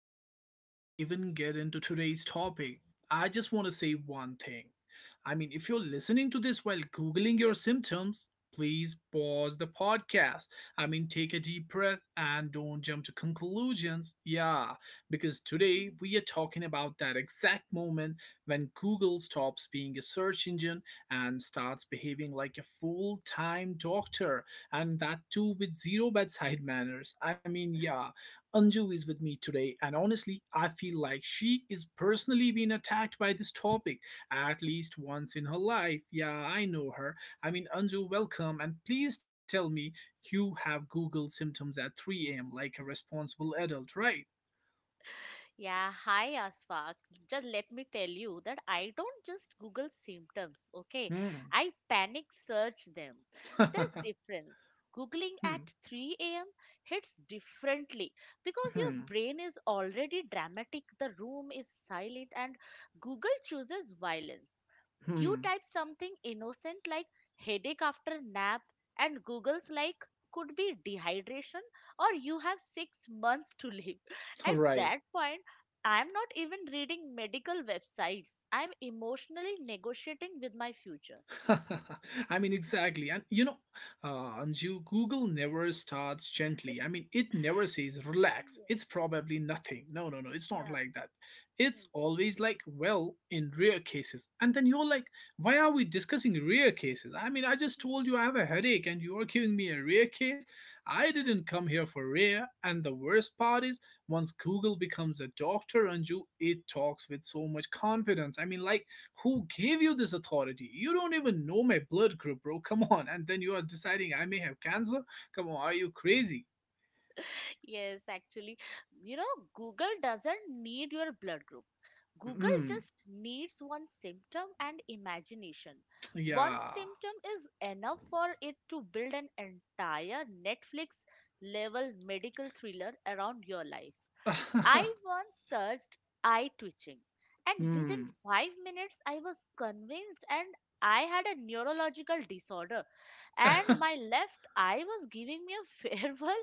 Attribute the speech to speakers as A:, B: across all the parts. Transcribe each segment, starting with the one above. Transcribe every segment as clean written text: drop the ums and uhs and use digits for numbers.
A: before we even get into today's topic, I just want to say one thing. If
B: Yeah.
A: you're listening to this while Googling your symptoms, please pause the podcast. Take a deep breath and don't jump to conclusions. Yeah, because today we are talking about that exact moment when Google stops being a search engine and starts behaving like a full time doctor, and that too with zero bedside manners. Yeah, Anju is with me today, and honestly, I feel like she is personally being attacked by this topic at least once in her life. Yeah, I know her. Anju, welcome, and please tell me you have Google symptoms at 3 a.m. like a responsible adult, right?
B: Yeah, hi Asfaq. Just let me tell you that I don't just Google symptoms, okay?
A: Hmm.
B: I panic search them. There's difference. Googling at
A: hmm.
B: 3 a.m. hits differently because your
A: Hmm.
B: brain is already dramatic, the room is silent, and Google chooses violence. You
A: Hmm.
B: type something innocent like headache after nap, and Google's like could be dehydration or you have 6 months to live.
A: All
B: At
A: right.
B: that point, I'm not even reading medical websites. I'm emotionally negotiating with my future.
A: Exactly. And you know, Anju, Google never starts gently. It never says, relax,
B: Yeah.
A: it's probably nothing. No, no, no, it's not
B: Yeah.
A: like that. It's always like, well, in rare cases. And then you're like, why are we discussing rare cases? I just
B: Hmm.
A: told you I have a headache and you are giving me a rare case. I didn't come here for rare. And the worst part is, once Google becomes a doctor, Anju, it talks with so much confidence. Who gave you this authority? You don't even know my blood group, bro. Come on. And then you are deciding I may have cancer? Come on, are you crazy?
B: Yes, actually, you know, Google doesn't need your blood group. Google
A: Hmm.
B: just needs one symptom and imagination. One
A: Yeah.
B: symptom is enough for it to build an entire Netflix level medical thriller around your life. I once searched eye twitching, and within
A: hmm.
B: 5 minutes, I was convinced and I had a neurological disorder, and my left eye was giving me a farewell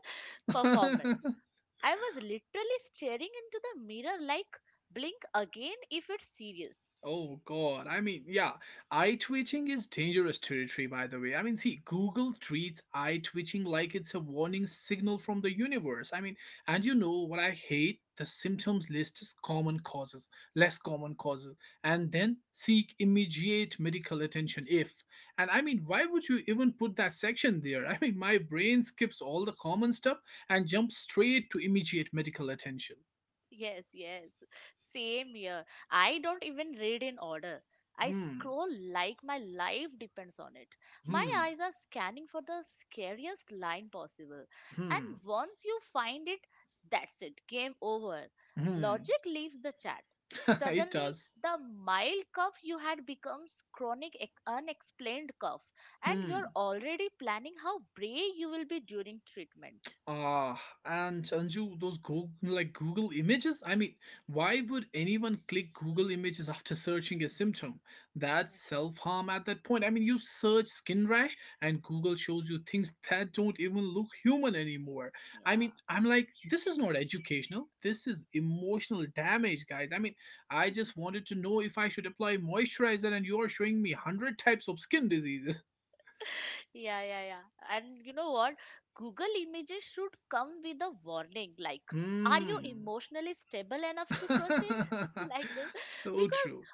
B: performance. I was literally staring into the mirror like blink again if it's serious.
A: Oh god. Yeah, eye twitching is dangerous territory, by the way. Google treats eye twitching like it's a warning signal from the universe. And you know what I hate? The symptoms list is common causes, less common causes, and then seek immediate medical attention if. And why would you even put that section there? My brain skips all the common stuff and jumps straight to immediate medical attention.
B: Yes, yes. Same here. I don't even read in order. I
A: Hmm.
B: scroll like my life depends on it. My
A: Hmm.
B: eyes are scanning for the scariest line possible. And
A: Hmm.
B: once you find it, that's it. Game over.
A: Hmm.
B: Logic leaves the chat.
A: it
B: Suddenly,
A: does.
B: the mild cough you had becomes chronic unexplained cough, and you're
A: Hmm.
B: already planning how brave you will be during treatment.
A: Ah, and Anju, those Google, like Google images. Why would anyone click Google images after searching a symptom? That's self harm at that point. You search skin rash, and Google shows you things that don't even look human anymore. I'm like, this is not educational. This is emotional damage, guys. I
B: Yeah.
A: just wanted to know if I should apply moisturizer, and you're showing me 100 types of skin diseases.
B: Yeah, yeah, yeah. And you know what? Google Images should come with a warning like, are you
A: Hmm.
B: emotionally stable enough to process like this?
A: so
B: Because
A: true.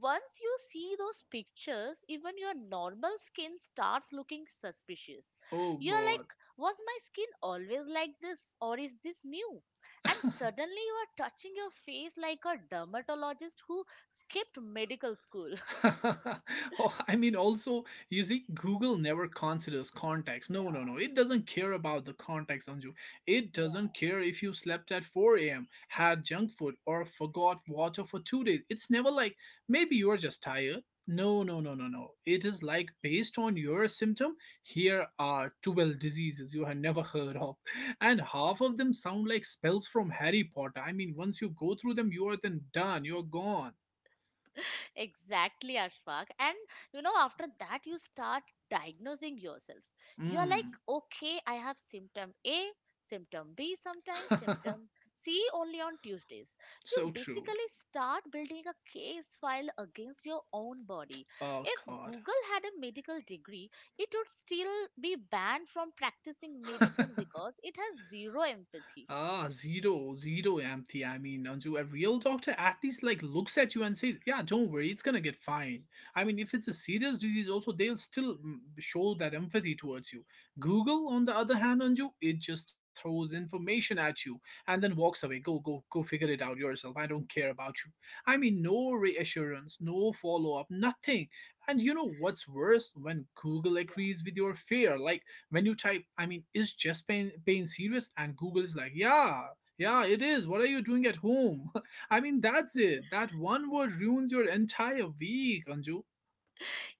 B: once you see those pictures, even your normal skin starts looking suspicious.
A: Oh
B: You're like,
A: God.
B: was my skin always like this, or is this new? And suddenly you are touching your face like a dermatologist who skipped medical school.
A: Oh, also, you see, Google never considers context. No,
B: Yeah,
A: no, no. It doesn't care about the context, Anju. It doesn't
B: yeah.
A: care if you slept at 4 a.m., had junk food, or forgot water for 2 days. It's never like, maybe you're just tired. No, no, no, no, no. It is like, based on your symptom, here are 12 diseases you have never heard of. And half of them sound like spells from Harry Potter. Once you go through them, you are then done. You're gone.
B: Exactly, Ashfaq. And you know, after that, you start diagnosing yourself. You are like,
A: Mm.
B: okay, I have symptom A, symptom B sometimes, symptom C only on Tuesdays. You
A: So true.
B: basically start building a case file against your own body.
A: Oh
B: If
A: God.
B: Google had a medical degree, it would still be banned from practicing medicine because it has zero empathy.
A: ah, zero empathy. Anju, a real doctor at least looks at you and says, "Yeah, don't worry, it's gonna get fine." If it's a serious disease, also they'll still show that empathy towards you. Google, on the other hand, Anju, it just throws information at you and then walks away. Go, go, go, figure it out yourself. I don't care about you. No reassurance, no follow up, nothing. And you know what's worse? When Google
B: Yeah.
A: agrees with your fear, like when you type, is chest pain serious, and Google is like, yeah, yeah, it
B: Mhm.
A: is, what are you doing at home? That's it. That one word ruins your entire week, Anju.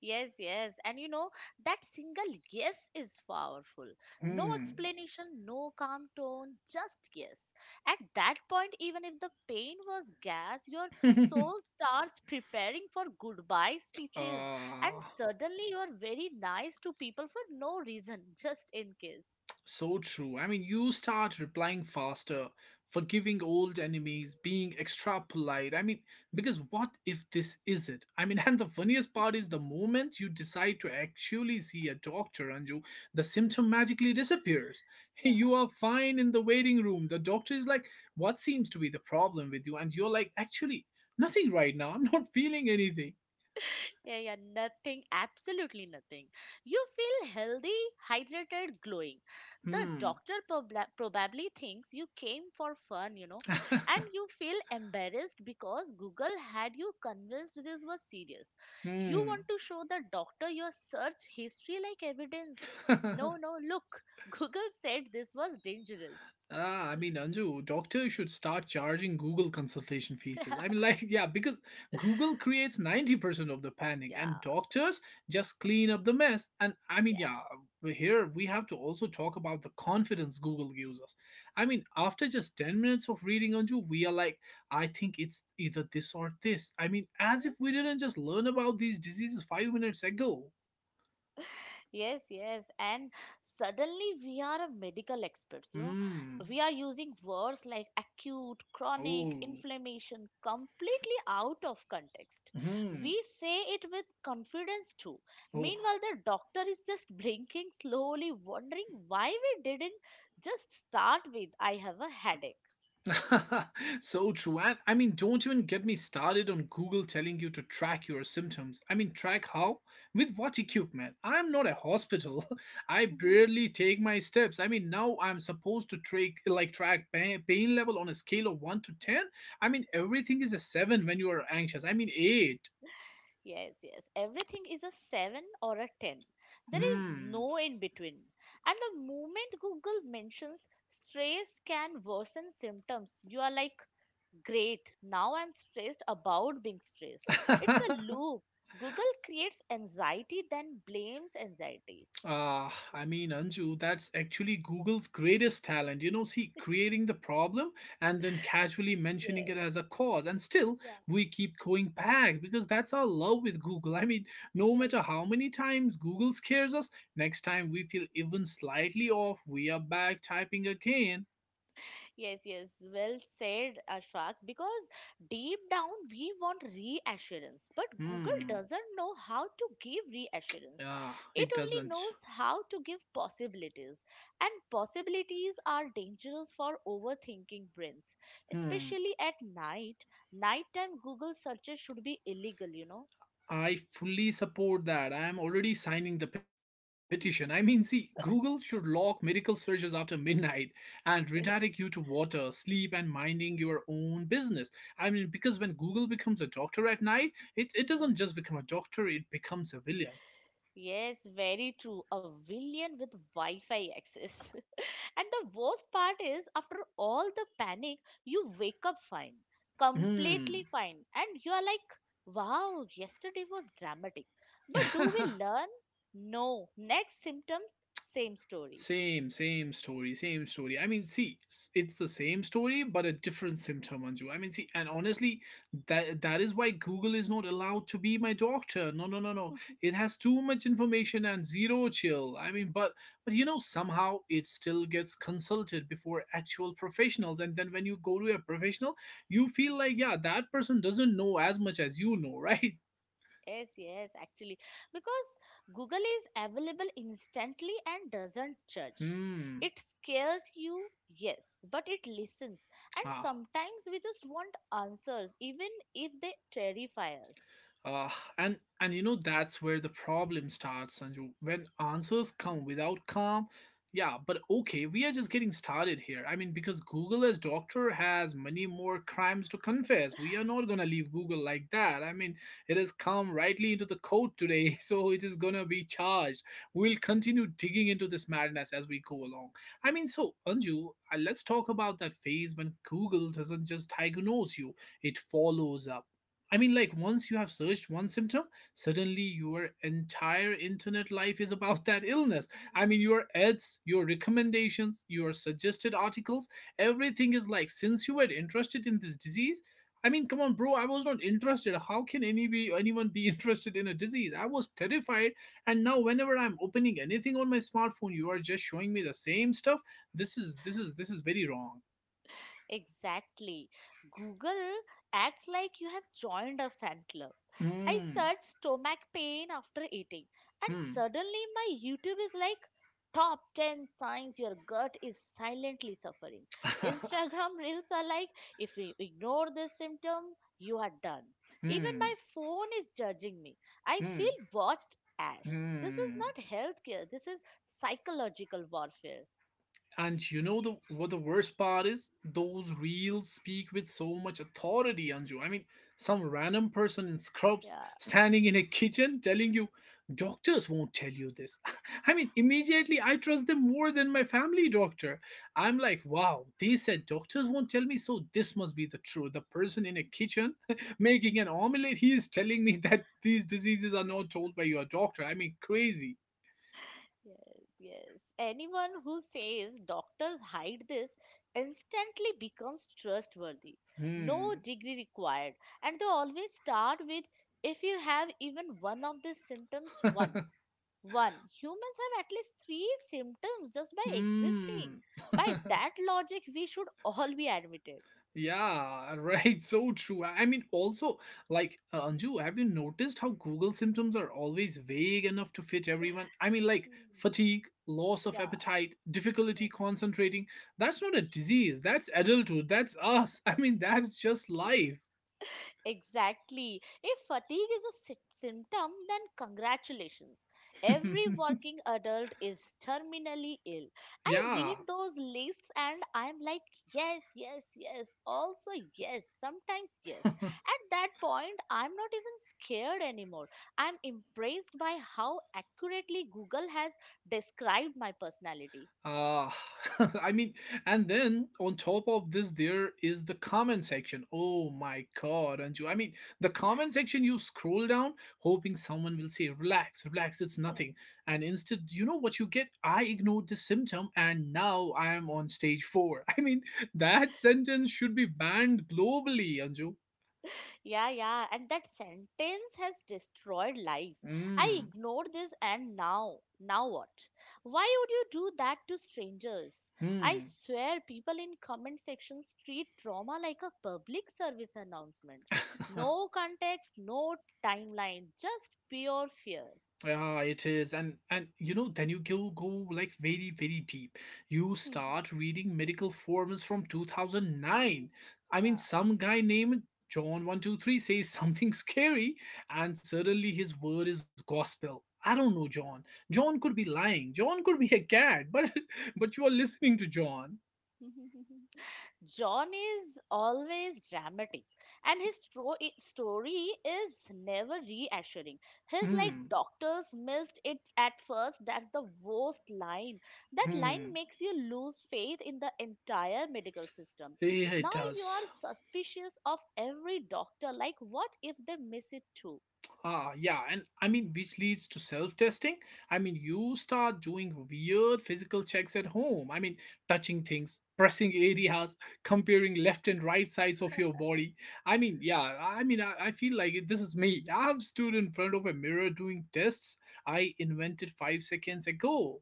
B: Yes, yes. And you know, that single yes is powerful. No
A: Hmm.
B: explanation, no calm tone, just yes. At that point, even if the pain was gas, your soul starts preparing for goodbye speeches. And
A: uh,
B: suddenly, you're very nice to people for no reason, just in case.
A: so true. You start replying faster, forgiving old enemies, being extra polite. Because what if this is it? And the funniest part is the moment you decide to actually see a doctor, Anju, the symptom magically disappears. You
B: Yeah.
A: are fine in the waiting room. The doctor is like, what seems to be the problem with you? And you're like, actually, nothing right now. I'm not feeling anything.
B: Yeah, yeah, nothing, absolutely nothing. You feel healthy, hydrated, glowing. The
A: Hmm.
B: doctor probably thinks you came for fun, you know, and you feel embarrassed because Google had you convinced this was serious. You
A: hmm.
B: want to show the doctor your search history like evidence. No, no, look, Google said this was dangerous.
A: Ah, Anju, doctor should start charging Google consultation fees. Yeah, because Google creates 90% of the panic
B: Yeah,
A: and doctors just clean up the mess. And
B: yeah,
A: yeah, here we have to also talk about the confidence Google gives us. After just 10 minutes of reading, Anju, we are like, I think it's either this or this. As if we didn't just learn about these diseases 5 minutes ago.
B: yes, yes. And suddenly we are a medical experts, you know.
A: Hmm.
B: We are using words like acute, chronic,
A: Oh.
B: inflammation completely out of context.
A: Hmm.
B: We say it with confidence too.
A: Oh.
B: Meanwhile, the doctor is just blinking slowly, wondering why we didn't just start with I have a headache.
A: so true. And don't even get me started on Google telling you to track your symptoms. Track how? With what equipment? I'm not a hospital. I barely take my steps. Now I'm supposed to track pain level on a scale of 1 to 10. Everything is a 7 when you are anxious. 8.
B: Yes, yes. Everything is a 7 or a 10. There is no in between. And the moment Google mentions stress can worsen symptoms, you are like, great, now I'm stressed about being stressed. It's
A: Hmm.
B: a loop. Google creates anxiety, then blames anxiety.
A: Ah, Anju, that's actually Google's greatest talent. You know, see, creating the problem and then casually mentioning it as
B: Yes.
A: a cause. And still,
B: Yeah,
A: we keep going back because that's our love with Google. No
B: yeah,
A: matter how many times Google scares us, next time we feel even slightly off, we are back typing again.
B: yes, yes, well said, Ashfaq. Because deep down we want reassurance, but Google
A: Hmm.
B: doesn't know how to give reassurance.
A: Ah,
B: It
A: it
B: only
A: doesn't.
B: knows how to give possibilities, and possibilities are dangerous for overthinking brains,
A: Hmm.
B: especially at night. Nighttime Google searches should be illegal, you know.
A: I fully support that. I am already signing the petition. Google should lock medical searches after midnight and redirect you to water, sleep, and minding your own business. Because when Google becomes a doctor at night, it doesn't just become a doctor, it becomes a villain.
B: Yes, very true. A villain with Wi Fi access. And the worst part is, after all the panic, you wake up fine, completely fine. And you are like, wow, yesterday was dramatic. But do
A: Hmm.
B: we learn? No. Next symptoms, same story.
A: Same story. It's the same story but a different symptom, Anju. And honestly, that is why Google is not allowed to be my doctor. No, no, no, no. It has too much information and zero chill. But you know, somehow it still gets consulted before actual professionals, and then when you go to a professional, you feel like, yeah, that person doesn't know as much as you know, right?
B: Yes, yes, actually, because Google is available instantly and doesn't judge.
A: Hmm.
B: It scares you, yes, but it listens. And
A: Ah.
B: sometimes we just want answers, even if they terrify us.
A: Uh, and you know that's where the problem starts, Sanju. When answers come without calm, yeah. But okay, we are just getting started here. Because Google as doctor has many more crimes to confess. We are not gonna leave Google like that. It has come rightly into the court today, so it is gonna be charged. We'll continue digging into this madness as we go along. So Anju, let's talk about that phase when Google doesn't just diagnose you; it follows up. Once you have searched one symptom, suddenly your entire internet life is about that illness. Your ads, your recommendations, your suggested articles, everything is like, since you were interested in this disease, come on, bro, I was not interested. How can any be, anyone be interested in a disease? I was terrified. And now whenever I'm opening anything on my smartphone, you are just showing me the same stuff. This is very wrong.
B: Exactly. Google acts like you have joined a fan club. I
A: Hmm.
B: search stomach pain after eating, and
A: Hmm.
B: suddenly my YouTube is like top 10 signs your gut is silently suffering. Instagram reels are like if you ignore this symptom, you are done. Even
A: hmm.
B: my phone is judging me. I
A: Hmm.
B: feel watched, Ash. This is
A: Hmm.
B: not healthcare, this is psychological warfare.
A: And you know the worst part is? Those reels speak with so much authority, Anju. Some random person in scrubs
B: Yeah.
A: standing in a kitchen telling you, doctors won't tell you this. Immediately I trust them more than my family doctor. I'm like, wow, they said doctors won't tell me, so this must be the truth. The person in a kitchen making an omelette, he is telling me that these diseases are not told by your doctor. Crazy.
B: Yes, yes. Anyone who says doctors hide this instantly becomes trustworthy.
A: Hmm.
B: No degree required. And they always start with if you have even one of these symptoms, one. One. Humans have at least three symptoms just by existing.
A: Hmm.
B: By that logic, we should all be admitted.
A: yeah, right. So true. Also, Anju, have you noticed how Google symptoms are always vague enough to fit everyone?
B: Hmm.
A: Fatigue, loss of
B: Yeah.
A: appetite, difficulty
B: Hmm.
A: concentrating. That's not a disease. That's adulthood. That's us. That's just life.
B: Exactly. If fatigue is a symptom, then congratulations. Every working adult is terminally ill. I read
A: yeah.
B: those lists and I'm like, yes, yes, yes, also yes, sometimes yes. At that point, I'm not even scared anymore. I'm impressed by how accurately Google has described my personality.
A: Ah, I mean, and then on top of this, there is the comment section. Oh my God, Anju. The comment section, you scroll down hoping someone will say, relax, relax, it's
B: Yeah.
A: nothing. And instead, you know what you get? I ignored the symptom and now I am on stage 4. That sentence should be banned globally, Anju.
B: Yeah, yeah, and that sentence has destroyed lives. I
A: Mm,
B: ignored this, and now, now what? Why would you do that to strangers? I
A: hmm.
B: swear, people in comment sections treat trauma like a public service announcement. No context, no timeline, just pure fear.
A: Yeah, it is. And then you go like very, very deep. You start reading medical forms from 2009. I mean,
B: yeah.
A: some guy named John123 says something scary and suddenly his word is gospel. I don't know, John. John could be lying. John could be a cat, but but you are listening to John.
B: yeah. John is always dramatic, and his story is never reassuring. He's like
A: Hmm.
B: doctors missed it at first. That's the worst line. That line
A: Hmm.
B: makes you lose faith in the entire medical system.
A: Yeah, it
B: Now you
A: does.
B: are suspicious of every doctor. Like, what if they miss it too?
A: Yeah, and I mean, which leads to self testing. I mean, you start doing weird physical checks at home. I mean, touching things, pressing areas, comparing left and right sides of your body. I mean, yeah, I mean, I feel like it, this is me. I've stood in front of a mirror doing tests I invented 5 seconds ago.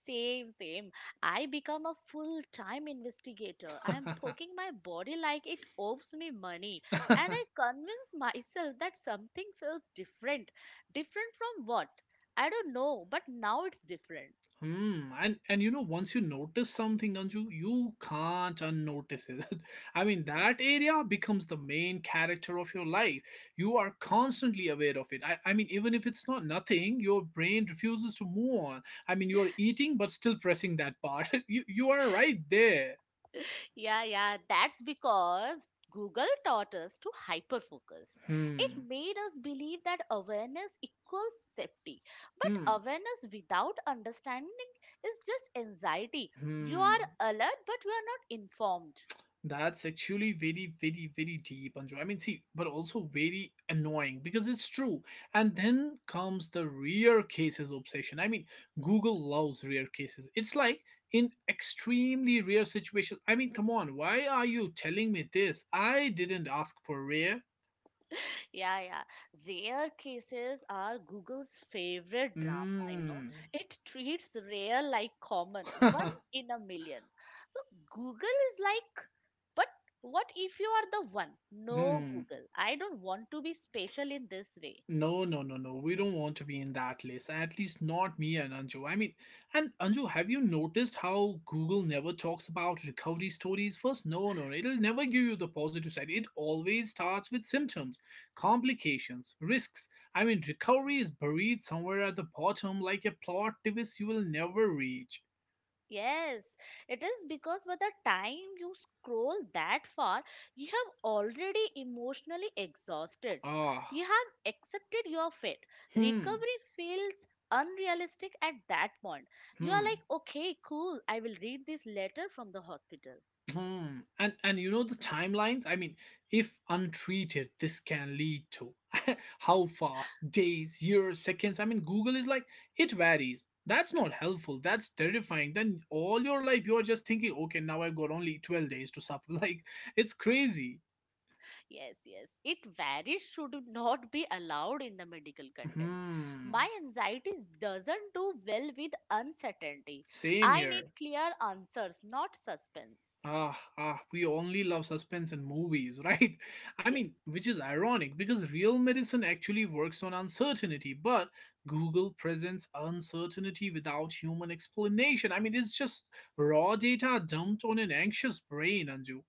B: Same, same. I become a full-time investigator. I am poking my body like it owes me money. And I convince myself that something feels different. Different from what? I don't know, but now it's different.
A: Hmm. And once you notice something, Anju, you can't unnotice it. I mean, that area becomes the main character of your life. You are constantly aware of it. I mean, even if it's not nothing, your brain refuses to move on. I mean, you are eating but still pressing that part. you are right there.
B: Yeah, yeah, that's because Google taught us to hyperfocus. It
A: Hmm.
B: made us believe that awareness equals safety. But
A: Hmm.
B: awareness without understanding is just anxiety. You
A: Hmm.
B: are alert, but you are not informed.
A: That's actually very, very, very deep, Anju. I mean, see, but also very annoying because it's true. And then comes the rare cases obsession. I mean, Google loves rare cases. It's like in extremely rare situations. I mean, come on, why are you telling me this? I didn't ask for rare.
B: Yeah, yeah. Rare cases are Google's favorite drama, you know.
A: Mmm.
B: It treats rare like common, one in a million. So Google is like, but what if you are the one? No, Google. I don't want to be special in this way.
A: No, no, no, no. We don't want to be in that list. At least not me and Anju. I mean, and Anju, have you noticed how Google never talks about recovery stories first? No, no, no. It'll never give you the positive side. It always starts with symptoms, complications, risks. I mean, recovery is buried somewhere at the bottom like a plot device you will never reach.
B: Yes, it is because by the time you scroll that far, you have already emotionally exhausted. You
A: Ah,
B: have accepted your fate.
A: hmm,
B: Recovery feels unrealistic at that point. You are
A: hmm.
B: like, okay, cool, I will read this letter from the hospital.
A: Hmm. And you know the timelines? I mean, if untreated, this can lead to how fast, days, years, seconds. I mean, Google is like it varies. That's not helpful. That's terrifying. Then all your life you're just thinking, okay, now I've got only 12 days to suffer. Like it's crazy.
B: Yes, yes, it very should not be allowed in the medical content.
A: Hmm.
B: My anxiety doesn't do well with uncertainty.
A: Same
B: I
A: here.
B: need clear answers, not suspense.
A: We only love suspense in movies, right? I mean,
B: Yes.
A: which is ironic because real medicine actually works on uncertainty, but Google presents uncertainty without human explanation. I mean, it's just raw data dumped on an anxious brain, Anju.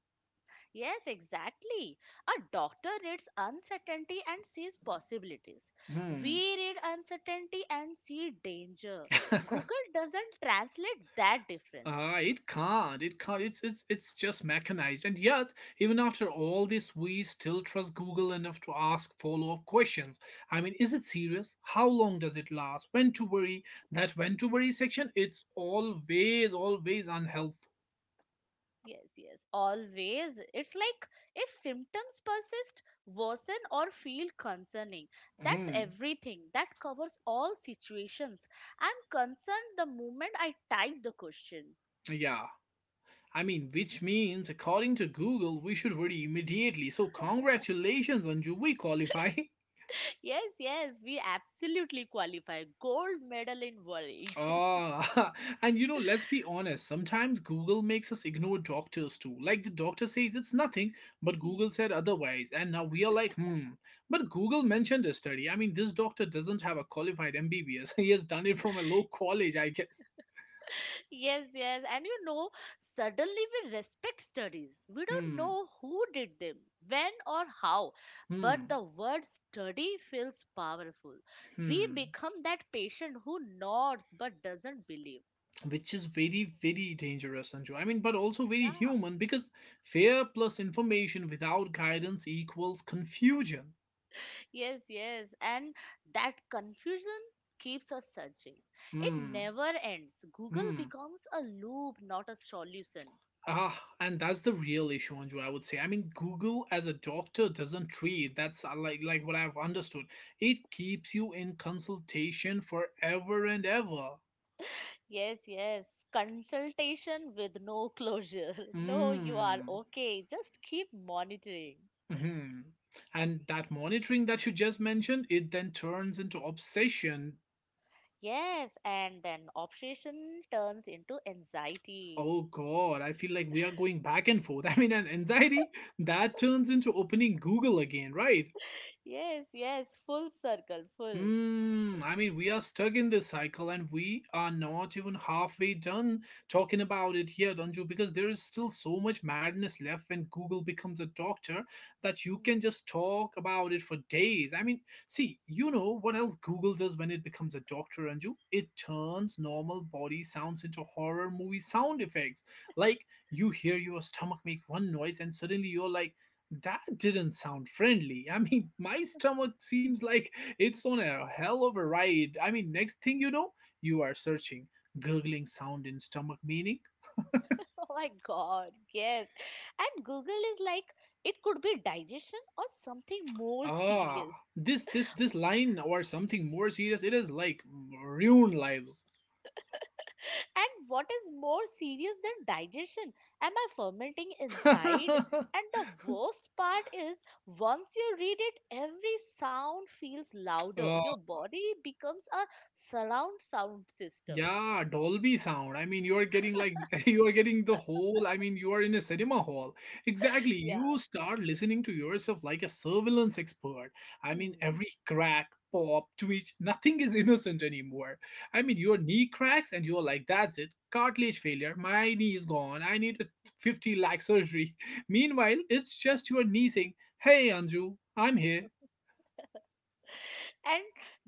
B: Yes, exactly. A doctor reads uncertainty and sees possibilities.
A: Hmm.
B: We read uncertainty and see danger. Google doesn't translate that difference.
A: It can't. It can't. It's just mechanized. And yet, even after all this, we still trust Google enough to ask follow-up questions. I mean, is it serious? How long does it last? When to worry? That when to worry section, it's always, always unhelpful.
B: Yes, yes, always. It's like if symptoms persist, worsen, or feel concerning. That's
A: Mhm.
B: everything. That covers all situations. I'm concerned the moment I type the question.
A: Yeah. I mean, which means, according to Google, we should worry immediately. So, congratulations, Anju, we qualify.
B: Yes, yes, we absolutely qualify. Gold medal in volley.
A: Ah, and let's be honest, sometimes Google makes us ignore doctors too. Like the doctor says it's nothing, but
B: Hmm.
A: Google said otherwise, and now we are like, hmm. But Google mentioned a study. I mean, this doctor doesn't have a qualified MBBS. He has done it from a low college, I guess.
B: Yes, yes. And you know, suddenly we respect studies. We don't
A: Hmm.
B: know who did them, when or how, but
A: Hmm.
B: the word study feels powerful. We
A: Hmm.
B: become that patient who nods but doesn't believe.
A: Which is very, very dangerous, Sanju. I mean, but also very
B: Yeah.
A: human because fear plus information without guidance equals confusion.
B: Yes, yes. And that confusion keeps us searching. It
A: Hmm.
B: never ends. Google
A: Hmm.
B: becomes a loop, not a solution.
A: And that's the real issue, Anju. I would say. I mean, Google as a doctor doesn't treat. That's like what I've understood. It keeps you in consultation forever and ever.
B: Yes, yes. Consultation with no closure. No, you are
A: Mm.
B: okay. Just keep monitoring.
A: Hmm. And that monitoring that you just mentioned, it then turns into obsession.
B: Yes, and then obsession turns into anxiety.
A: Oh God, I feel like we are going back and forth. I mean, and anxiety that turns into opening Google again, right?
B: Yes, yes. Full circle, full.
A: Hmm, I mean, we are stuck in this cycle and we are not even halfway done talking about it here, Danju, because there is still so much madness left when Google becomes a doctor that you
B: Mhm.
A: can just talk about it for days. I mean, see, you know what else Google does when it becomes a doctor, Anju? It turns normal body sounds into horror movie sound effects. Like, you hear your stomach make one noise and suddenly you're like, that didn't sound friendly. I mean, my stomach seems like it's on a hell of a ride. I mean, next thing you know, you are searching, gurgling sound in stomach meaning.
B: Oh my God. Yes. And Google is like, it could be digestion or something more serious.
A: Ah, this line or something more serious. It is like ruin lives.
B: And what is more serious than digestion? Am I fermenting inside? And the worst part is, once you read it, every sound feels louder. Your body becomes a surround sound system.
A: Yeah, Dolby sound. I mean, you're getting like you are getting the whole. I mean, you are in a cinema hall. Exactly.
B: Yeah.
A: You start listening to yourself like a surveillance expert. I mean,
B: Hmm.
A: every crack, pop, twitch, nothing is innocent anymore. I mean, your knee cracks and you're like, that's it. Cartilage failure. My knee is gone. I need a 50 lakh surgery. Meanwhile, it's just your knee saying, "Hey, Anju, I'm here."
B: And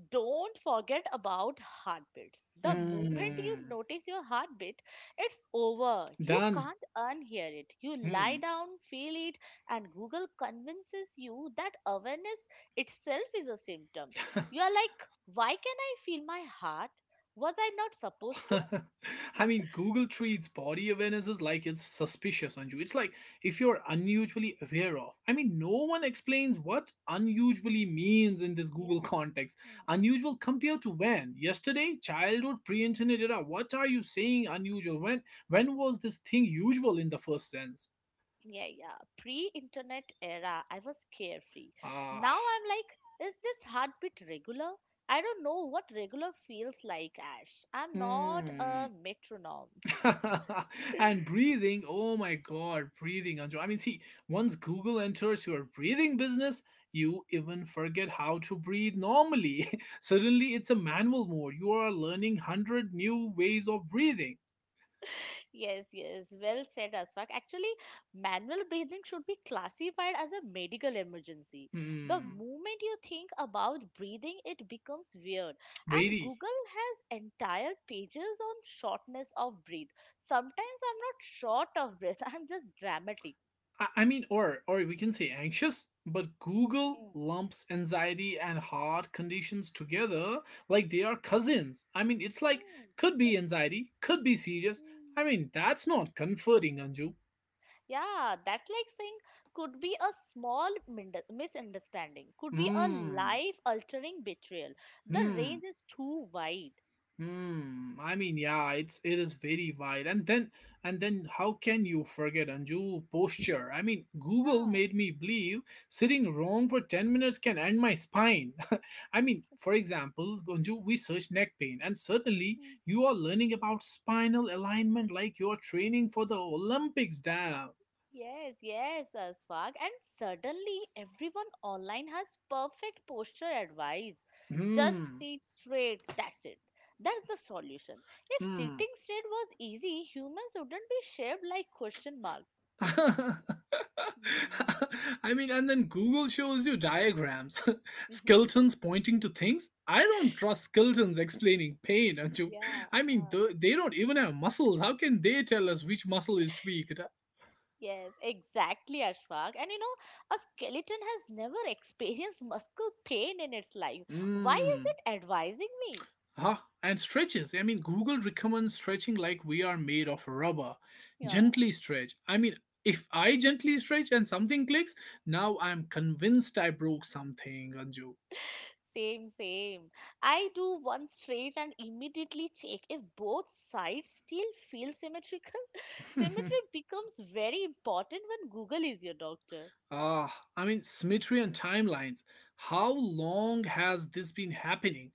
B: don't forget about heartbeats. The moment you
A: Mm,
B: notice your heartbeat, it's over. You
A: done.
B: can't unhear it. You lie
A: Hmm.
B: down, feel it, and Google convinces you that awareness itself is a symptom. You are like, why can I feel my heart? Was I not supposed to?
A: I mean, Google treats body awareness as like it's suspicious, Anju. It's like if you're unusually aware of. I mean, no one explains what unusually means in this Google
B: Yeah.
A: context.
B: Mhm.
A: Unusual compared to when? Yesterday, childhood, pre-internet era. What are you saying unusual? When was this thing usual in the first sense?
B: Yeah, yeah, pre-internet era I was carefree.
A: Ah,
B: Now I'm like, is this heartbeat regular? I don't know what regular feels like, Ash. I'm not a
A: hmm.
B: metronome.
A: And breathing, oh my God, breathing, Anju. I mean, see, once Google enters your breathing business, you even forget how to breathe normally. Suddenly, it's a manual mode. You are learning hundred new ways of breathing.
B: Yes, yes, well said, Aswak. Actually, manual breathing should be classified as a medical emergency. The
A: Hmm,
B: moment you think about breathing, it becomes weird. And
A: very.
B: Google has entire pages on shortness of breath. Sometimes I'm not short of breath, I'm just dramatic.
A: I mean, or we can say anxious. But Google
B: Mm,
A: lumps anxiety and heart conditions together like they are cousins. I mean, it's like
B: mm,
A: could be anxiety, could be serious, I
B: mm.
A: mean, that's not comforting, Anju.
B: Yeah, that's like saying could be a small misunderstanding, could be a
A: Hmm.
B: life altering betrayal. The
A: Hmm.
B: range is too wide.
A: Mm. I mean, yeah, it is very wide. And then how can you forget Anju posture? I
B: Mm,
A: mean, Google
B: yeah.
A: made me believe sitting wrong for 10 minutes can end my spine. I mean, for example, Anju, we search neck pain and suddenly
B: Mm.
A: you are learning about spinal alignment like you are training for the Olympics, damn.
B: Yes, yes, Swag. And suddenly everyone online has perfect posture advice. Just
A: Hmm.
B: sit straight, that's it. That's the solution. If
A: Hmm.
B: sitting straight was easy, humans wouldn't be shaped like question marks.
A: I mean, and then Google shows you diagrams, skeletons pointing to things. I don't trust skeletons explaining pain, Anju.
B: Yeah,
A: I mean, they don't even have muscles. How can they tell us which muscle is tweaked?
B: yes, exactly, Ashfaq. And you know, a skeleton has never experienced muscle pain in its life. Why is
A: Mmm.
B: it advising me?
A: Huh? And stretches. I mean, Google recommends stretching like we are made of rubber.
B: Yeah,
A: Gently stretch. I mean, if I gently stretch and something clicks, now I'm convinced I broke something,
B: same, same. I do one stretch and immediately check if both sides still feel symmetrical.
A: Anju.
B: Symmetry becomes very important when Google is your doctor.
A: I mean, symmetry and timelines. How long has this been happening?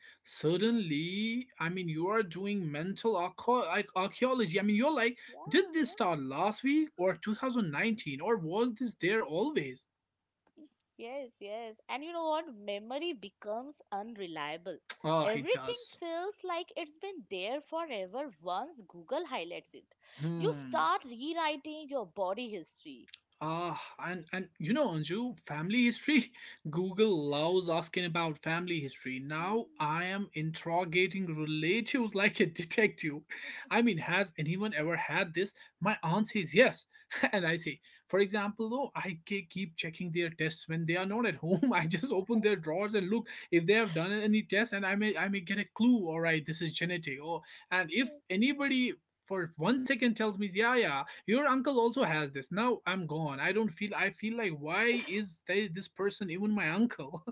B: Hmm.
A: Suddenly, I mean, you are doing mental like archaeology. I mean, you're like, did
B: Yeah,
A: this
B: yeah.
A: start last week or 2019 or was this there always?
B: Yes, yes. And you know what? Memory becomes unreliable.
A: It
B: Everything
A: does.
B: feels like it's been there forever once Google highlights it. You
A: Hmm.
B: start rewriting your body history.
A: And Anju, family history. Google loves asking about family history. Now
B: Mm,
A: I am interrogating relatives like a detective. I mean, has anyone ever had this? My aunt says yes, and I say, for example, though, I keep checking their tests when they are not at home. I just open their drawers and look if they have done any tests, and I may get a clue. All right, this is genetic. Oh, and if
B: yeah.
A: anybody for 1 second tells me, yeah, yeah, your uncle also has this. Now I'm gone. I don't feel, I feel like, why is they, this person, even my uncle?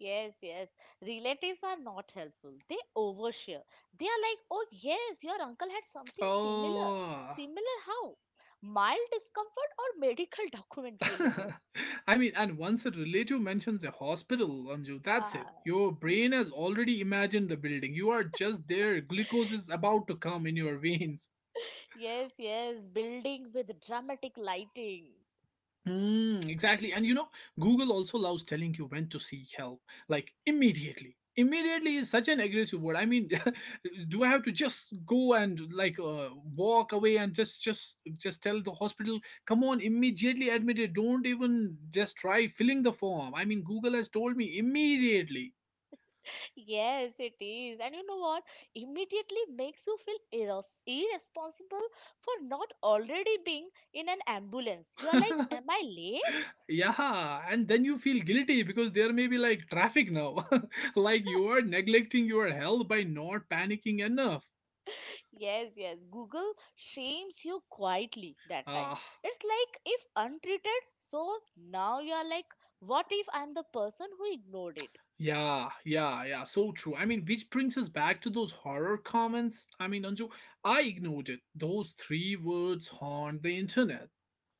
B: Yes, yes. Relatives are not helpful. They overshare. They are like, oh, yes, your uncle had something similar.
A: Oh.
B: Similar how? Mild discomfort or medical documentary level?
A: I mean, and once a relative mentions a hospital, Anju, that's it.
B: Ah.
A: Your brain has
B: Mm.
A: already imagined the building. You are just there. Glucose is about to come in your veins.
B: Yes, yes, building with dramatic lighting.
A: Mm, exactly. And Google also loves telling you when to seek help, like immediately. Immediately is such an aggressive word. I mean, do I have to just go and like walk away and just tell the hospital, come on, immediately admit it. Don't even just try filling the form. I mean, Google has told me immediately.
B: Yes, it is. And you know what? Immediately makes you feel irresponsible for not already being in an ambulance. You are like, am I late?
A: Yeah, and then you feel guilty because there may be like traffic now. Like you are neglecting your health by not panicking enough.
B: Yes, yes. Google shames you quietly that time.
A: Ah,
B: It's like if untreated, so now you are like, what if I'm the person who ignored it?
A: yeah, yeah, yeah. So true. I mean, which brings us back to those horror comments. I mean, Anju, I ignored it. Those three words haunt the internet.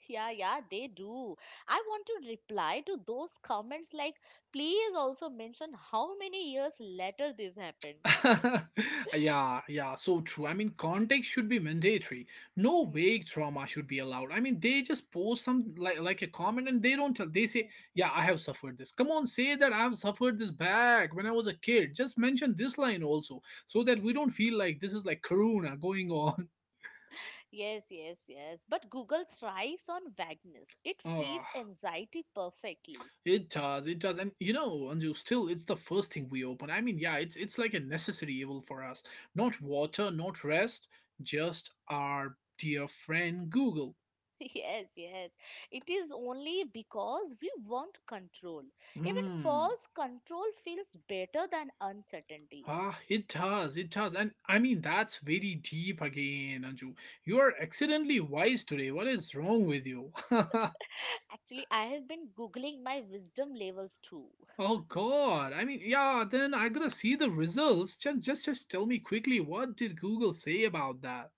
B: Yeah, yeah, they do. I want to reply to those comments like, please also mention how many years later this happened.
A: Yeah, yeah, so true. I mean,
B: Hmm,
A: context should be mandatory. No
B: hmm,
A: vague trauma should be allowed. I mean, they just post some like a comment and they don't tell. They say, "Yeah, I
B: hmm.
A: have suffered this." Come on, say that I have suffered this back when I was a kid. Just mention this line also, so that we don't feel like this is like Karuna going on.
B: Yes, yes, yes. But Google thrives on vagueness. It feeds
A: Ah.
B: anxiety perfectly.
A: It does, and Anju, still, it's the first thing we open. I mean, yeah, it's like a necessary evil for us. Not water, not rest, just our dear friend Google.
B: Yes, yes. It is only because we want control. Even
A: Hmm.
B: false control feels better than uncertainty.
A: Ah, it does, and I mean that's very deep again, Anju. You are accidentally wise today. What is wrong with you?
B: Actually, I have been googling my wisdom levels too.
A: Oh God! I mean, yeah. Then I gotta see the results. Just tell me quickly. What did Google say about that?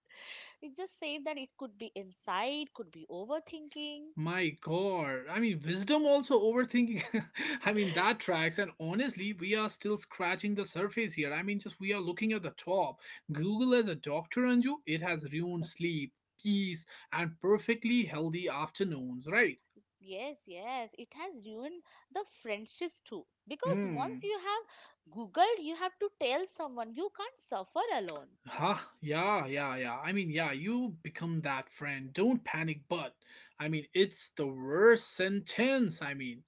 B: It just said that it could be inside, could be overthinking.
A: My God. I mean, wisdom also overthinking. I mean, that tracks. And honestly, we are still scratching the surface here. I mean, just we are looking at the top. Google as a doctor, Anju, it has ruined sleep, peace, and perfectly healthy afternoons, right?
B: Yes, yes, it has ruined the friendships too. Because once
A: Hmm.
B: you have Googled, you have to tell someone you can't suffer alone.
A: Huh? Yeah, yeah, yeah. I mean, yeah, you become that friend. Don't panic, but I mean, it's the worst sentence. I mean,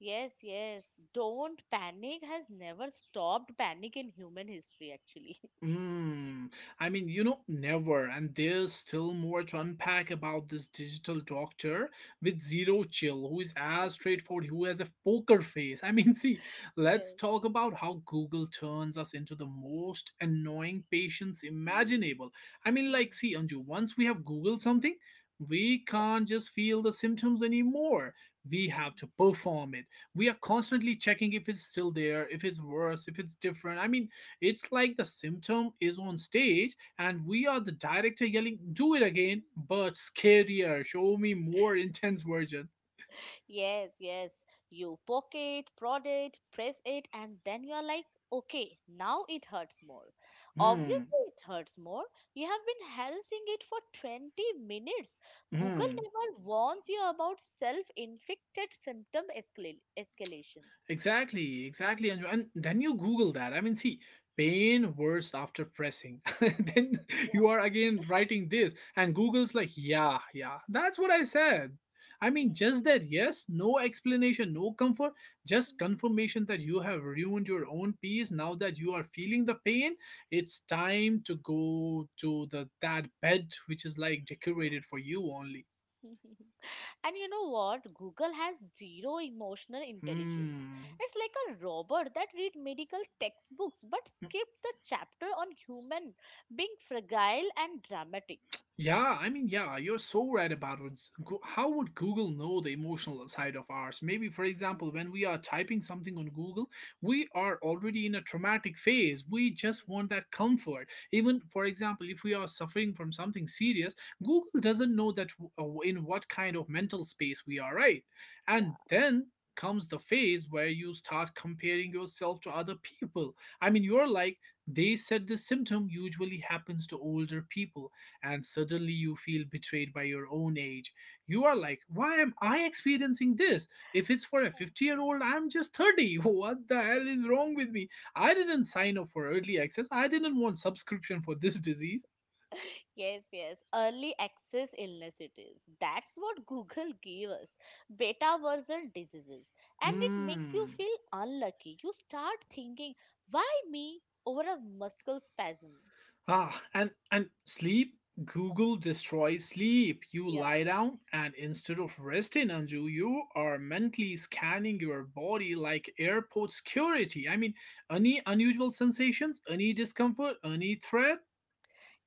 B: Yes, yes, don't panic has never stopped panic in human history, actually.
A: Mm, I mean, never. And there's still more to unpack about this digital doctor with zero chill, who is as straightforward, who has a poker face. I mean, see, let's
B: Yes.
A: talk about how Google turns us into the most annoying patients
B: Mm,
A: imaginable. I mean,
B: mm,
A: like, see, Anju, once we have Googled something, we
B: yeah.
A: can't just feel the symptoms anymore. We
B: Mm,
A: have to perform it. We are constantly checking if it's still there, if it's worse, if it's different. I mean, it's like the symptom is on stage and we are the director yelling, do it again,
B: mm.
A: but scarier, show me more intense version.
B: Yes, yes. You poke it, prod it, press it, and then you're like, okay, now it hurts more.
A: Hmm,
B: Obviously, it hurts more. You have been harassing it for 20 minutes. Google
A: hmm.
B: never warns you about self inflicted symptom escalation.
A: Exactly, exactly, and then you Google that. I mean, see, pain worse after pressing. Then
B: Yeah.
A: you are again writing this, and Google's like, yeah, yeah, that's what I said. I mean, just that, yes, no explanation, no comfort, just confirmation that you have ruined your own peace. Now that you are feeling the pain, it's time to go to the that bed which is like decorated for you only.
B: Hmm. And you know what? Google has zero emotional intelligence.
A: Hmm.
B: It's like a robot that read medical textbooks but skip the chapter on human being fragile and dramatic.
A: Yeah, I mean, yeah, you're so right about it. How would Google know the emotional side of ours? Maybe, for example, when we are typing something on Google, we are already in a traumatic phase. We just want that comfort. Even, for example, if we are suffering from something serious, Google doesn't know that in what kind of mental space we are, right?
B: yeah.
A: And then comes the phase where you start comparing yourself to other people. I mean, you're like, they said this symptom usually happens to older people and suddenly you feel betrayed by your own age. You are like, why am I experiencing this? If it's for a 50-year-old, I'm just 30. What the hell is wrong with me? I didn't sign up for early access. I didn't want subscription for this disease.
B: Yes, yes. Early access illness it is. That's what Google gave us. Beta version diseases. And it makes you
A: Mm,
B: feel unlucky. You start thinking, why me over a muscle spasm?
A: ah, and sleep. Google destroys sleep. You
B: Yeah.
A: lie down, and instead of resting, Anju, you are mentally scanning your body like airport security. I mean, any unusual sensations, any discomfort, any threat.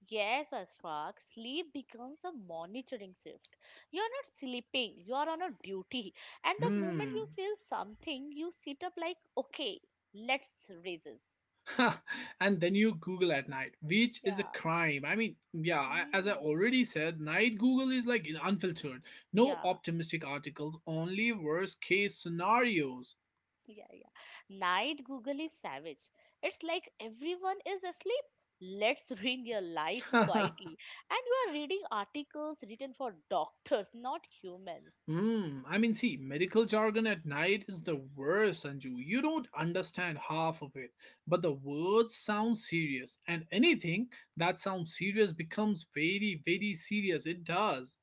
B: Yes, Ashfaq, sleep becomes a monitoring shift. You're not sleeping, you're on a duty. And the moment
A: Hmm.
B: you feel something, you sit up like, okay, let's raise this.
A: And then you Google at night, which is a
B: Yeah.
A: crime. I mean, yeah, I, as I
B: Hmm.
A: already said, night Google is like unfiltered. No
B: Yeah.
A: optimistic articles, only worst case scenarios.
B: Yeah, yeah. Night Google is savage. It's like everyone is asleep. Let's ruin your life quietly. And you are reading articles written for doctors, not humans.
A: Hmm. I mean, see, medical jargon at night is the worst, Sanju. You don't understand half of it, but the words sound serious, and anything that sounds serious becomes very, very serious. It does.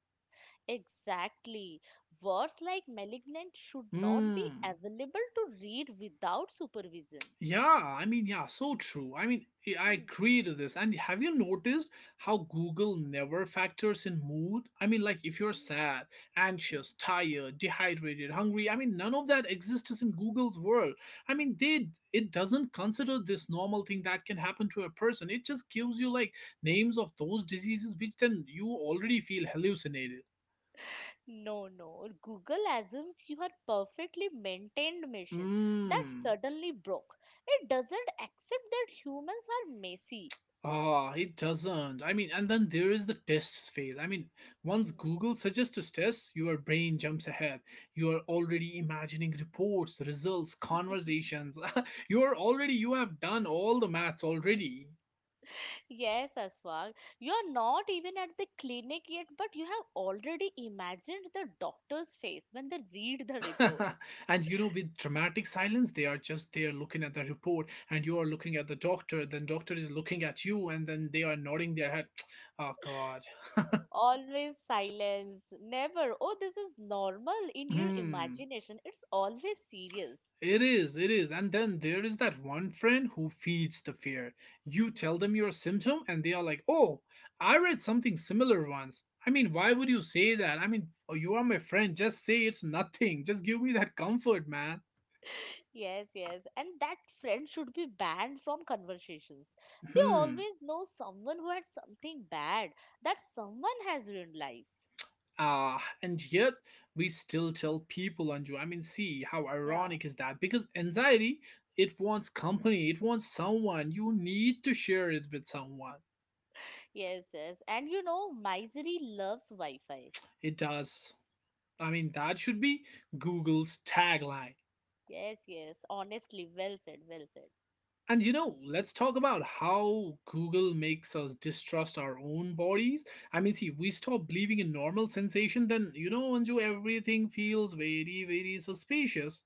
B: Exactly. Words like malignant should not be
A: Hmm.
B: available to read without supervision.
A: Yeah, I mean, yeah, so true. I mean, I
B: Hmm,
A: agree to this. And have you noticed how Google never factors in mood? I mean, like if you're
B: hmm,
A: sad,
B: hmm.
A: anxious, tired, dehydrated, hungry, I mean, none of that exists in Google's world. I mean, they it doesn't consider this normal thing that can happen to a person. It just gives you like names of those diseases which then you already feel hallucinated.
B: No, no. Google assumes you are perfectly maintained machine that
A: Mmm.
B: suddenly broke. It doesn't accept that humans are messy.
A: Ah, he doesn't. I mean, and then there is the tests phase. I mean, once
B: Hmm.
A: Google suggests a test, your brain jumps ahead. You are already imagining reports, results, conversations. You are already, you have done all the maths already.
B: Yes, Aswag, you are not even at the clinic yet, but you have already imagined the doctor's face when they read the report.
A: And with dramatic silence, they are just there looking at the report, and you are looking at the doctor. Then doctor is looking at you, and then they are nodding their head. Oh God.
B: Always silence, never, oh, this is normal in your
A: Hmm.
B: imagination. It's always serious.
A: It is, it is. And then there is that one friend who feeds the fear. You
B: Hmm.
A: tell them your symptom, and they are like, oh, I read something similar once. I mean, why would you say that? I mean, oh, you are my friend. Just say it's nothing. Just give me that comfort, man.
B: Yes, yes. And that friend should be banned from conversations. They
A: Hmm.
B: always know someone who had something bad, that someone has ruined lives.
A: Ah, and yet we still tell people, Anju. I mean, see how
B: Yeah.
A: ironic is that? Because anxiety, it wants company, it wants someone. You need to share it with someone.
B: Yes, yes. And you know, misery loves Wi Fi.
A: It does. I mean, that should be Google's tagline.
B: Yes, yes. Honestly, well said, well said.
A: And let's talk about how Google makes us distrust our own bodies. I mean, see, we stop believing in normal sensation, then, Anju, everything feels very, very suspicious.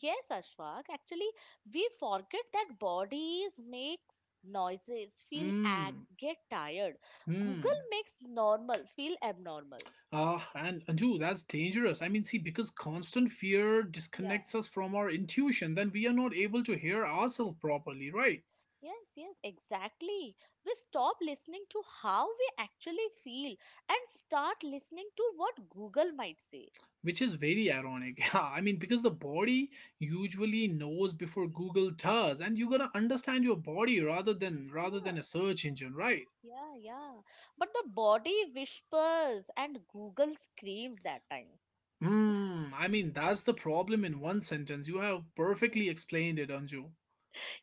B: Yes, Ashfaq. Actually, we forget that bodies makes noises, feel act,
A: Hmm,
B: get tired. Google
A: hmm.
B: makes normal feel abnormal.
A: Ah, and Anju, that's dangerous. I mean, see, because constant fear
B: Yeah.
A: disconnects us from our intuition, then we are not able to hear ourselves properly, right?
B: Yes, yes, exactly. We stop listening to how we actually feel and start listening to what Google might say.
A: Which is very ironic. Yeah, I mean, because the body usually knows before Google does, and you got to understand your body rather than rather
B: Yeah,
A: than a search engine, right?
B: yeah, yeah. But the body whispers and Google screams that time.
A: Hmm. I mean, that's the problem in one sentence. You have
B: Yes,
A: perfectly explained it, Anju.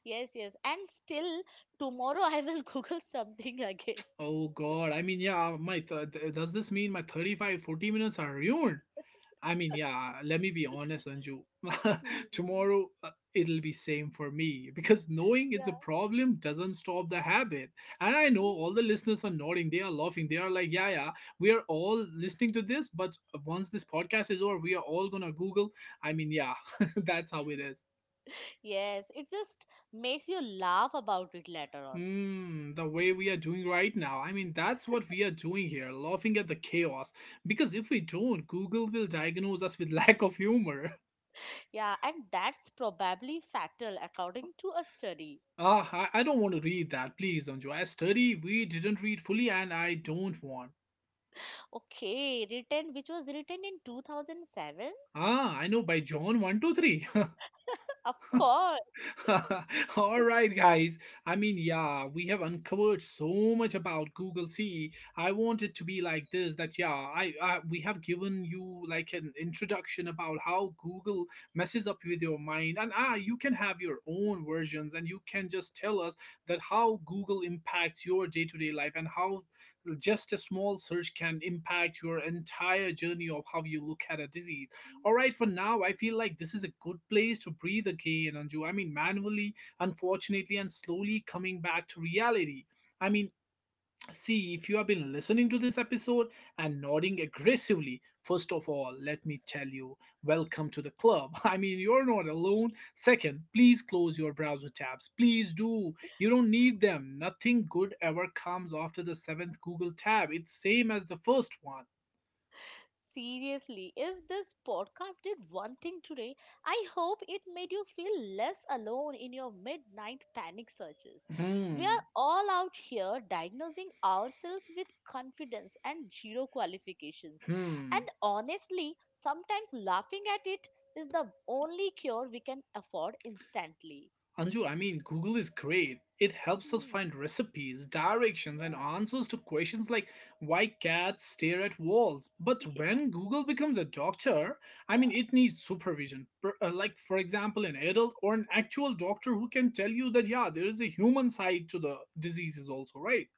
B: yes, yes. And still, tomorrow I will Google something again.
A: Oh God. I mean, yeah. Does this mean my 35, 40 minutes are ruined? I mean, yeah, let me be honest, Anju.
B: Mm.
A: Tomorrow it'll be same for me because knowing it's a
B: Yeah.
A: problem doesn't stop the habit. And I know
B: Yeah.
A: all the listeners are nodding, they are laughing, they are like, yeah, yeah, we are all listening to this, but once this podcast is over, we are all gonna Google. I mean, yeah, that's how it is.
B: Yes, it just makes you laugh about it later on.
A: Mm, the way we are doing right now. I mean, that's what we are doing here, laughing at the chaos. Because if we don't, Google will diagnose us with lack of humor.
B: Yeah, and that's probably factual, according to a study.
A: Ah, I don't want to read that. Please, Anju. I study, we didn't read fully, and I don't want.
B: Okay, written which was written in 2007?
A: Ah, I know by John 123.
B: Of course.
A: All right, guys. I mean, yeah, we have uncovered so much about Google. See, I want it to be like this that, yeah, I we have given you like an introduction about how Google messes up with your mind. And you can have your own versions and you can just tell us that how Google impacts your day to day life and how just a small search can impact your entire journey of how you look at a disease. All right, for now, I feel like this is a good place to breathe again, Anju. I mean, manually, unfortunately, and slowly coming back to reality. I mean, see, if you have been listening to this episode and nodding aggressively, first of all, let me tell you, welcome to the club. I mean, you're not alone. Second, please close your browser tabs. Please do. You don't need them. Nothing good ever comes after the seventh Google tab. It's same as the first one.
B: Seriously, if this podcast did one thing today, I hope it made you feel less alone in your midnight panic searches. We
A: Hmm.
B: are all out here diagnosing ourselves with confidence and zero qualifications. And
A: Hmm.
B: honestly, sometimes laughing at it is the only cure we can afford instantly.
A: Anju, I mean, Google is great. It helps us
B: Hmm,
A: find recipes, directions, and
B: yeah,
A: answers to questions like why cats stare at walls. But
B: yeah,
A: when Google becomes a doctor, I mean,
B: yeah.
A: it needs supervision. Like, for example, an adult or an actual doctor who can tell you that, yeah, there is a human side to the diseases, also, right?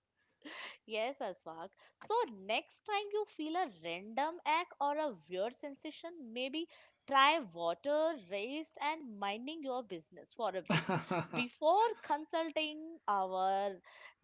B: Yes, Aswag. So next time you feel a random ache or a weird sensation, maybe try water, rest, and minding your business for a bit before consulting our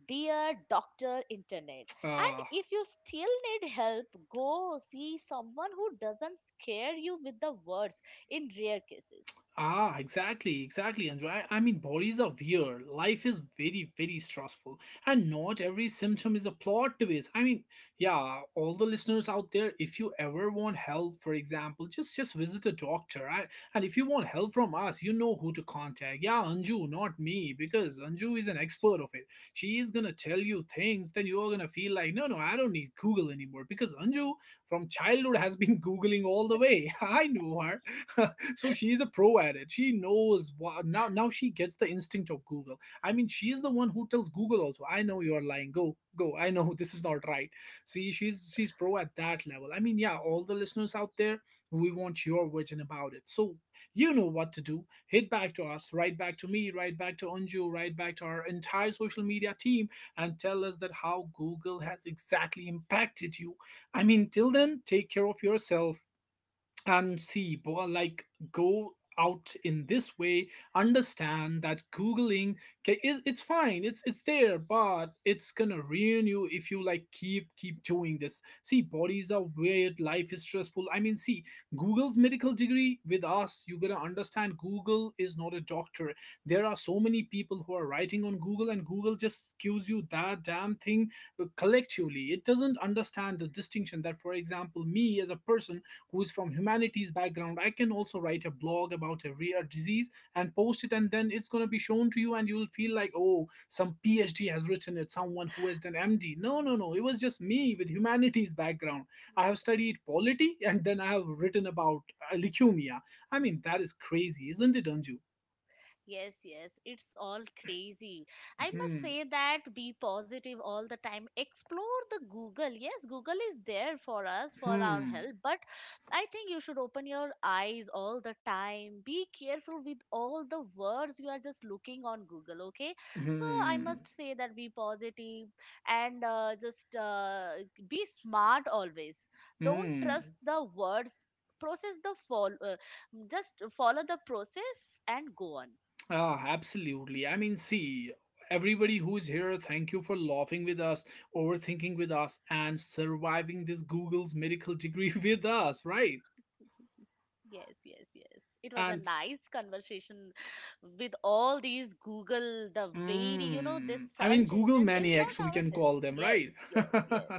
B: dear doctor internet. And
A: Ah,
B: if you still need help, go see someone who doesn't scare you with the words in rare cases.
A: Exactly, exactly, Anju. I mean, bodies are weird. Life is very, very stressful, and not every symptom is a plot twist. I mean, yeah, all the listeners out there, if you ever want help, for example, just visit a doctor. Right? And if you want help from us, you know who to contact. Yeah, Anju, not me, because Anju is an expert of it. She is gonna tell you things that you are gonna feel like, no, no, I don't need Google anymore, because Anju from childhood has been googling all the way. I know her. So she's a pro at it. She knows what. Now she gets the instinct of Google. I mean, she's the one who tells Google also, I know you're lying, go go, I know. This is not right. See, she's pro at that level. I mean, yeah, all the listeners out there, we want your vision about it, so you know what to do. Hit back to us. Write back to me. Write back to Anju. Write back to our entire social media team and tell us that how Google has exactly impacted you. I mean, till then, take care of yourself, and see, like, go out in this way. Understand that googling, it's fine, it's there, but it's gonna ruin you if you like keep doing this. See, bodies are weird, life is stressful, I mean, see, Google's medical degree with us, you gotta understand Google is not a doctor. There are so many people who are writing on Google and Google just gives you that damn thing. Collectively, it doesn't understand the distinction that, for example, me as a person who's from humanities background, I can also write a blog about a rare disease and post it, and then it's going to be shown to you, and you'll feel like, oh, some PhD has written it, someone who has done MD. No, no, no, it was just me with humanities background. I have studied polity, and then I have written about leukemia. I mean, that is crazy, isn't it, Anju?
B: Yes, yes, it's all crazy. I must
A: Hmm.
B: say that be positive all the time. Explore the Google. Yes, Google is there for us, for our
A: Hmm.
B: help, but I think you should open your eyes all the time. Be careful with all the words you are just looking on Google, okay? So I
A: Hmm.
B: must say that be positive and just be smart always. Don't trust
A: Hmm.
B: the words. Process the follow, just follow the process and go on.
A: Ah, absolutely. I mean, see, everybody who's here, thank you for laughing with us, overthinking with us, and surviving this Google's medical degree with us, right?
B: Yes, yes, yes. It was a
A: And
B: nice conversation with all these Google, the very, you know, this
A: I mean,
B: search
A: Google
B: engine is
A: maniacs,
B: not
A: we
B: our
A: can
B: this.
A: call them,
B: Yes,
A: right?
B: yes, yes.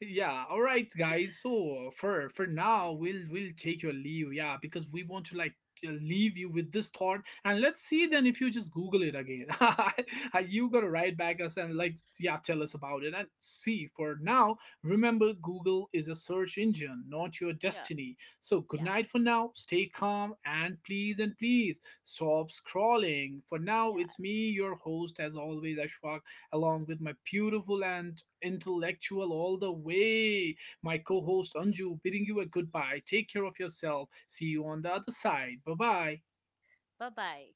A: Yeah. All right, guys. So for now, we'll take your leave. Yeah, because we want to like leave you with this thought, and let's see then if you just Google it again. You gotta write back us and like yeah, tell us about it and see. For now, remember, Google is a search engine, not your
B: Yeah,
A: destiny. So good
B: yeah,
A: night for now. Stay calm and please stop scrolling. For now,
B: yeah.
A: it's me, your host, as always, Ashfaq, along with my beautiful and intellectual all the way, my co host, Anju, bidding you a goodbye. Take care of yourself. See you on the other side. Bye bye.
B: Bye bye.